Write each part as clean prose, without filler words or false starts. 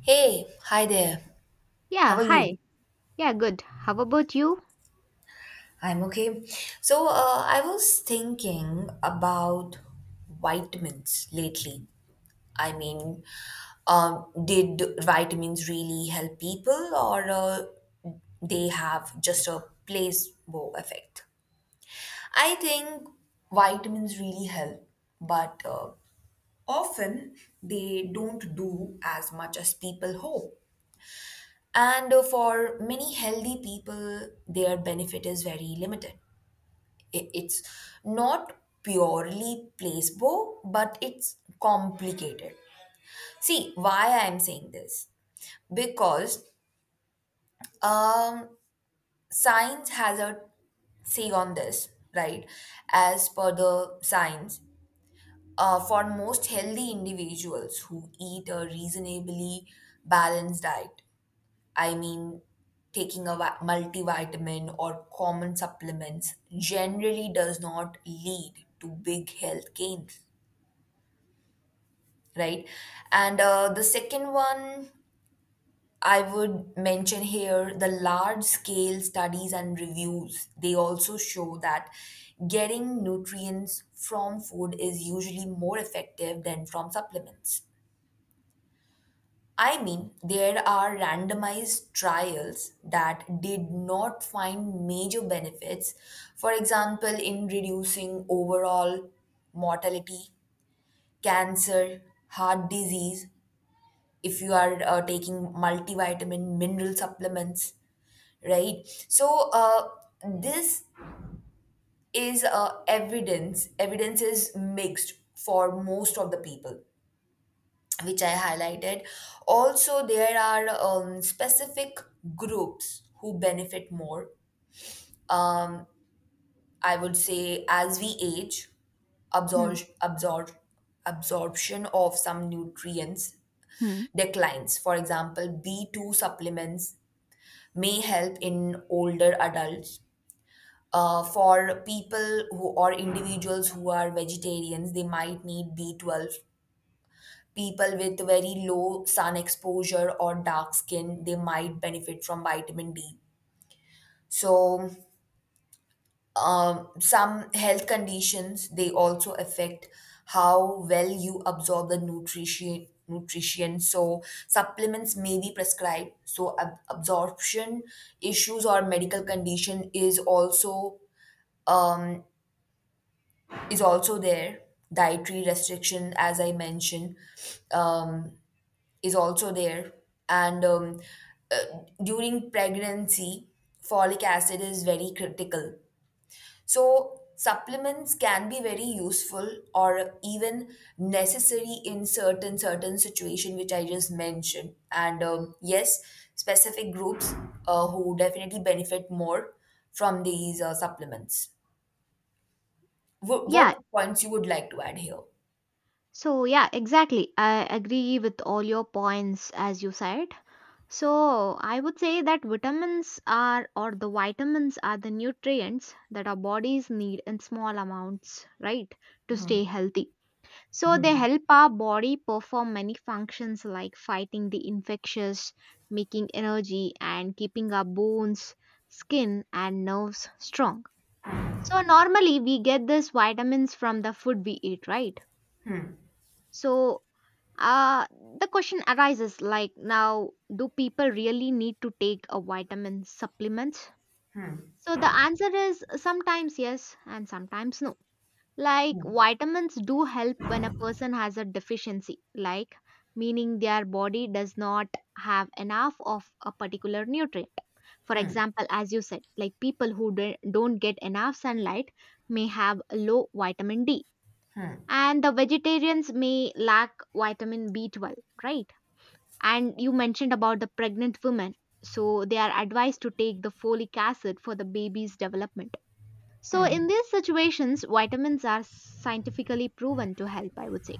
Hey, hi there. Yeah, How are hi. you? Yeah, good. How about you? I'm okay. So, I was thinking about vitamins lately. I mean, did vitamins really help people, or they have just a placebo effect? I think vitamins really help, but often they don't do as much as people hope. And for many healthy people, their benefit is very limited. It's not purely placebo, but it's complicated. See, why I'm saying this? Because um, science has a say on this, right? As per the science, for most healthy individuals who eat a reasonably balanced diet, I mean, taking a multivitamin or common supplements generally does not lead to big health gains, right? And the second one I would mention here the large scale studies and reviews, they also show that getting nutrients from food is usually more effective than from supplements. I mean, there are randomized trials that did not find major benefits, for example, in reducing overall mortality, cancer, heart disease, if you are taking multivitamin mineral supplements, right? So, this is evidence. Evidence is mixed for most of the people, which I highlighted. Also, there are specific groups who benefit more. Um, I would say as we age, Hmm. absorb, absorb, absorption of some nutrients Hmm. declines. For example, B2 supplements may help in older adults. For people who or individuals who are vegetarians, they might need B12. People with very low sun exposure or dark skin, they might benefit from vitamin D. So some health conditions, they also affect how well you absorb the nutrition, so supplements may be prescribed, so absorption issues or medical condition um, is also there. Dietary restriction, as I mentioned, um. is also there. And during pregnancy, folic acid is very critical, so supplements can be very useful or even necessary in certain situation, which I just mentioned. And yes, specific groups, who definitely benefit more from these supplements. Wh- Yeah. what points you would like to add here? So, yeah, exactly. I agree with all your points as you said. So, I would say that vitamins are or the vitamins are the nutrients that our bodies need in small amounts, right, to stay healthy. So, they help our body perform many functions like fighting the infectious, making energy and keeping our bones, skin and nerves strong. So normally we get these vitamins from the food we eat, right? So uh, the question arises like now, do people really need to take a vitamin supplement? So the answer is sometimes yes and sometimes no. Like vitamins do help when a person has a deficiency, like meaning their body does not have enough of a particular nutrient. For example, as you said, like people who don't get enough sunlight may have low vitamin D, and the vegetarians may lack vitamin B12, right? And you mentioned about the pregnant women, so they are advised to take the folic acid for the baby's development so, in these situations, vitamins are scientifically proven to help, I would say.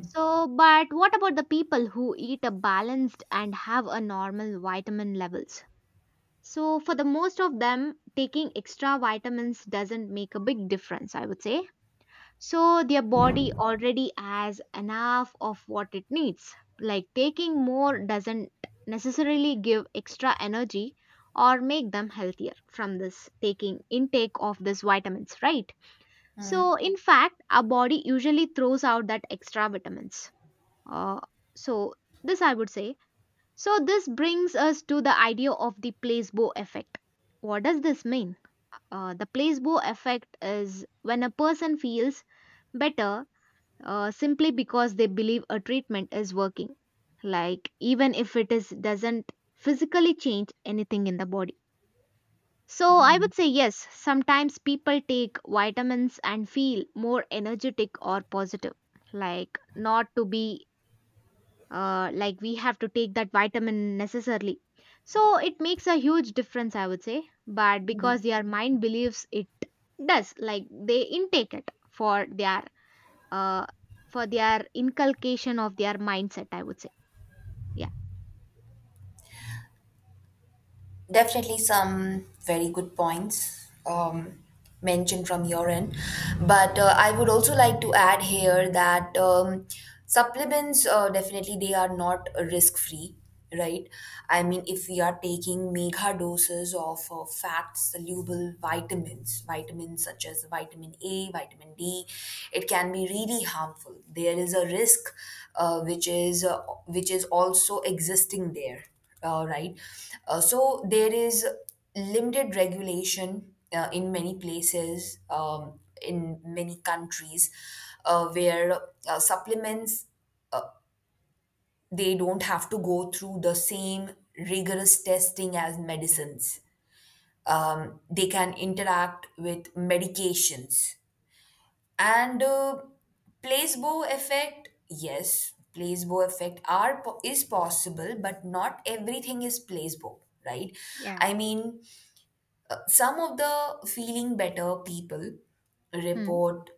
So, but what about the people who eat a balanced and have a normal vitamin levels? So, for the most of them, taking extra vitamins doesn't make a big difference, I would say. So, their body already has enough of what it needs. Like, taking more doesn't necessarily give extra energy or make them healthier from this taking intake of these vitamins, right? So, in fact, our body usually throws out that extra vitamins. Uh, so, this I would say. So, this brings us to the idea of the placebo effect. What does this mean? The placebo effect is when a person feels better simply because they believe a treatment is working, like even if it is doesn't physically change anything in the body. So I would say yes, sometimes people take vitamins and feel more energetic or positive. Like not to be like we have to take that vitamin necessarily. So it makes a huge difference, I would say. But because their mind believes it does, like they intake it uh, for their inculcation of their mindset, I would say. Yeah. Definitely some very good points mentioned from your end. But I would also like to add here that supplements, definitely they are not risk free, right? I mean, if we are taking mega doses of fat soluble vitamins, vitamins such as vitamin A, vitamin D, it can be really harmful. There is a risk which is also existing there, right? So there is limited regulation in many places, in many countries, where supplements uh, they don't have to go through the same rigorous testing as medicines. They can interact with medications, and placebo effect, yes, placebo effect is possible, but not everything is placebo, right? Yeah. I mean, some of the feeling better people Hmm. report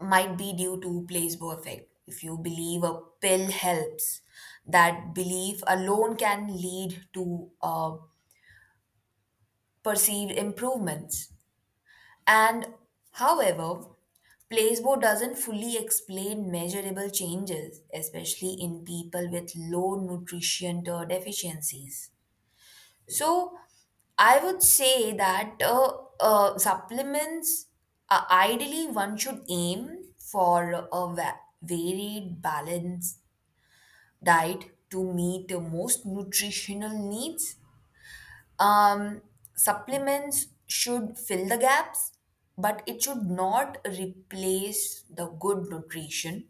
might be due to placebo effect. If you believe a pill helps, that belief alone can lead to perceived improvements. And however, placebo doesn't fully explain measurable changes, especially in people with low nutrition or deficiencies. So, I would say that supplements, ideally, one should aim for a varied, balanced diet to meet the most nutritional needs. um, Supplements should fill the gaps, but it should not replace the good nutrition.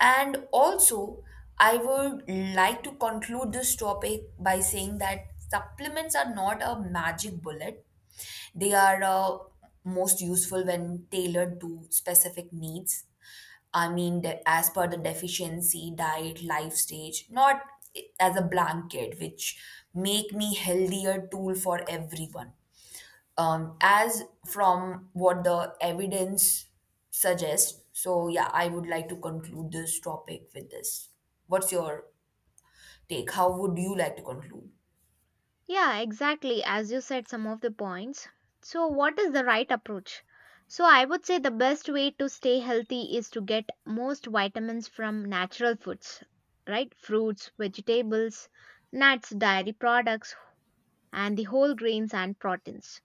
And also, I would like to conclude this topic by saying that supplements are not a magic bullet. They are most useful when tailored to specific needs. I mean, as per the deficiency, diet, life stage, not as a blanket, which make me healthier tool for everyone, as from what the evidence suggests. So, yeah, I would like to conclude this topic with this. What's your take? How would you like to conclude? Yeah, exactly. As you said, some of the points. So, what is the right approach? So, I would say the best way to stay healthy is to get most vitamins from natural foods, right? Fruits, vegetables, nuts, dairy products, and the whole grains and proteins.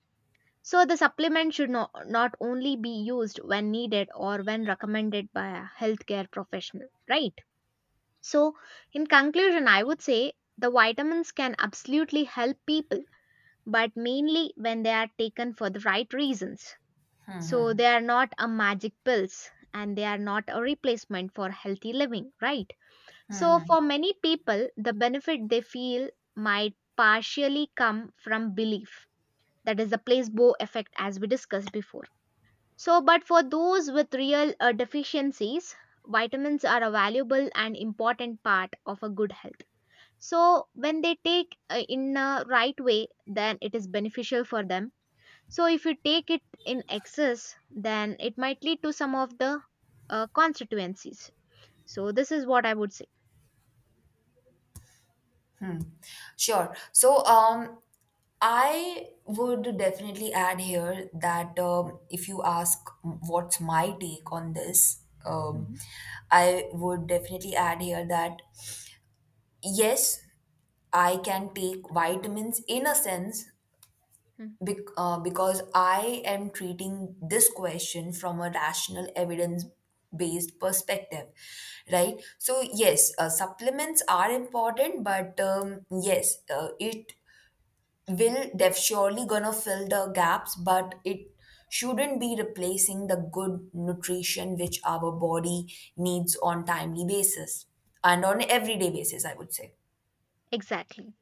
So, the supplement should not only be used when needed or when recommended by a healthcare professional, right? So, in conclusion, I would say the vitamins can absolutely help people but mainly when they are taken for the right reasons. So they are not a magic pills and they are not a replacement for healthy living, right? So for many people, the benefit they feel might partially come from belief. That is the placebo effect as we discussed before. So but for those with real deficiencies, vitamins are a valuable and important part of a good health so when they take in a right way then it is beneficial for them so if you take it in excess, then it might lead to some of the constituencies. So this is what I would say. Sure. So, I would definitely add here that if you ask what's my take on this, Mhm. I would definitely add here that yes, I can take vitamins in a sense. Hmm, Because I am treating this question from a rational evidence based perspective, right? So, yes, supplements are important, but yes, it will surely gonna fill the gaps, but it shouldn't be replacing the good nutrition which our body needs on timely basis and on everyday basis, I would say. exactly.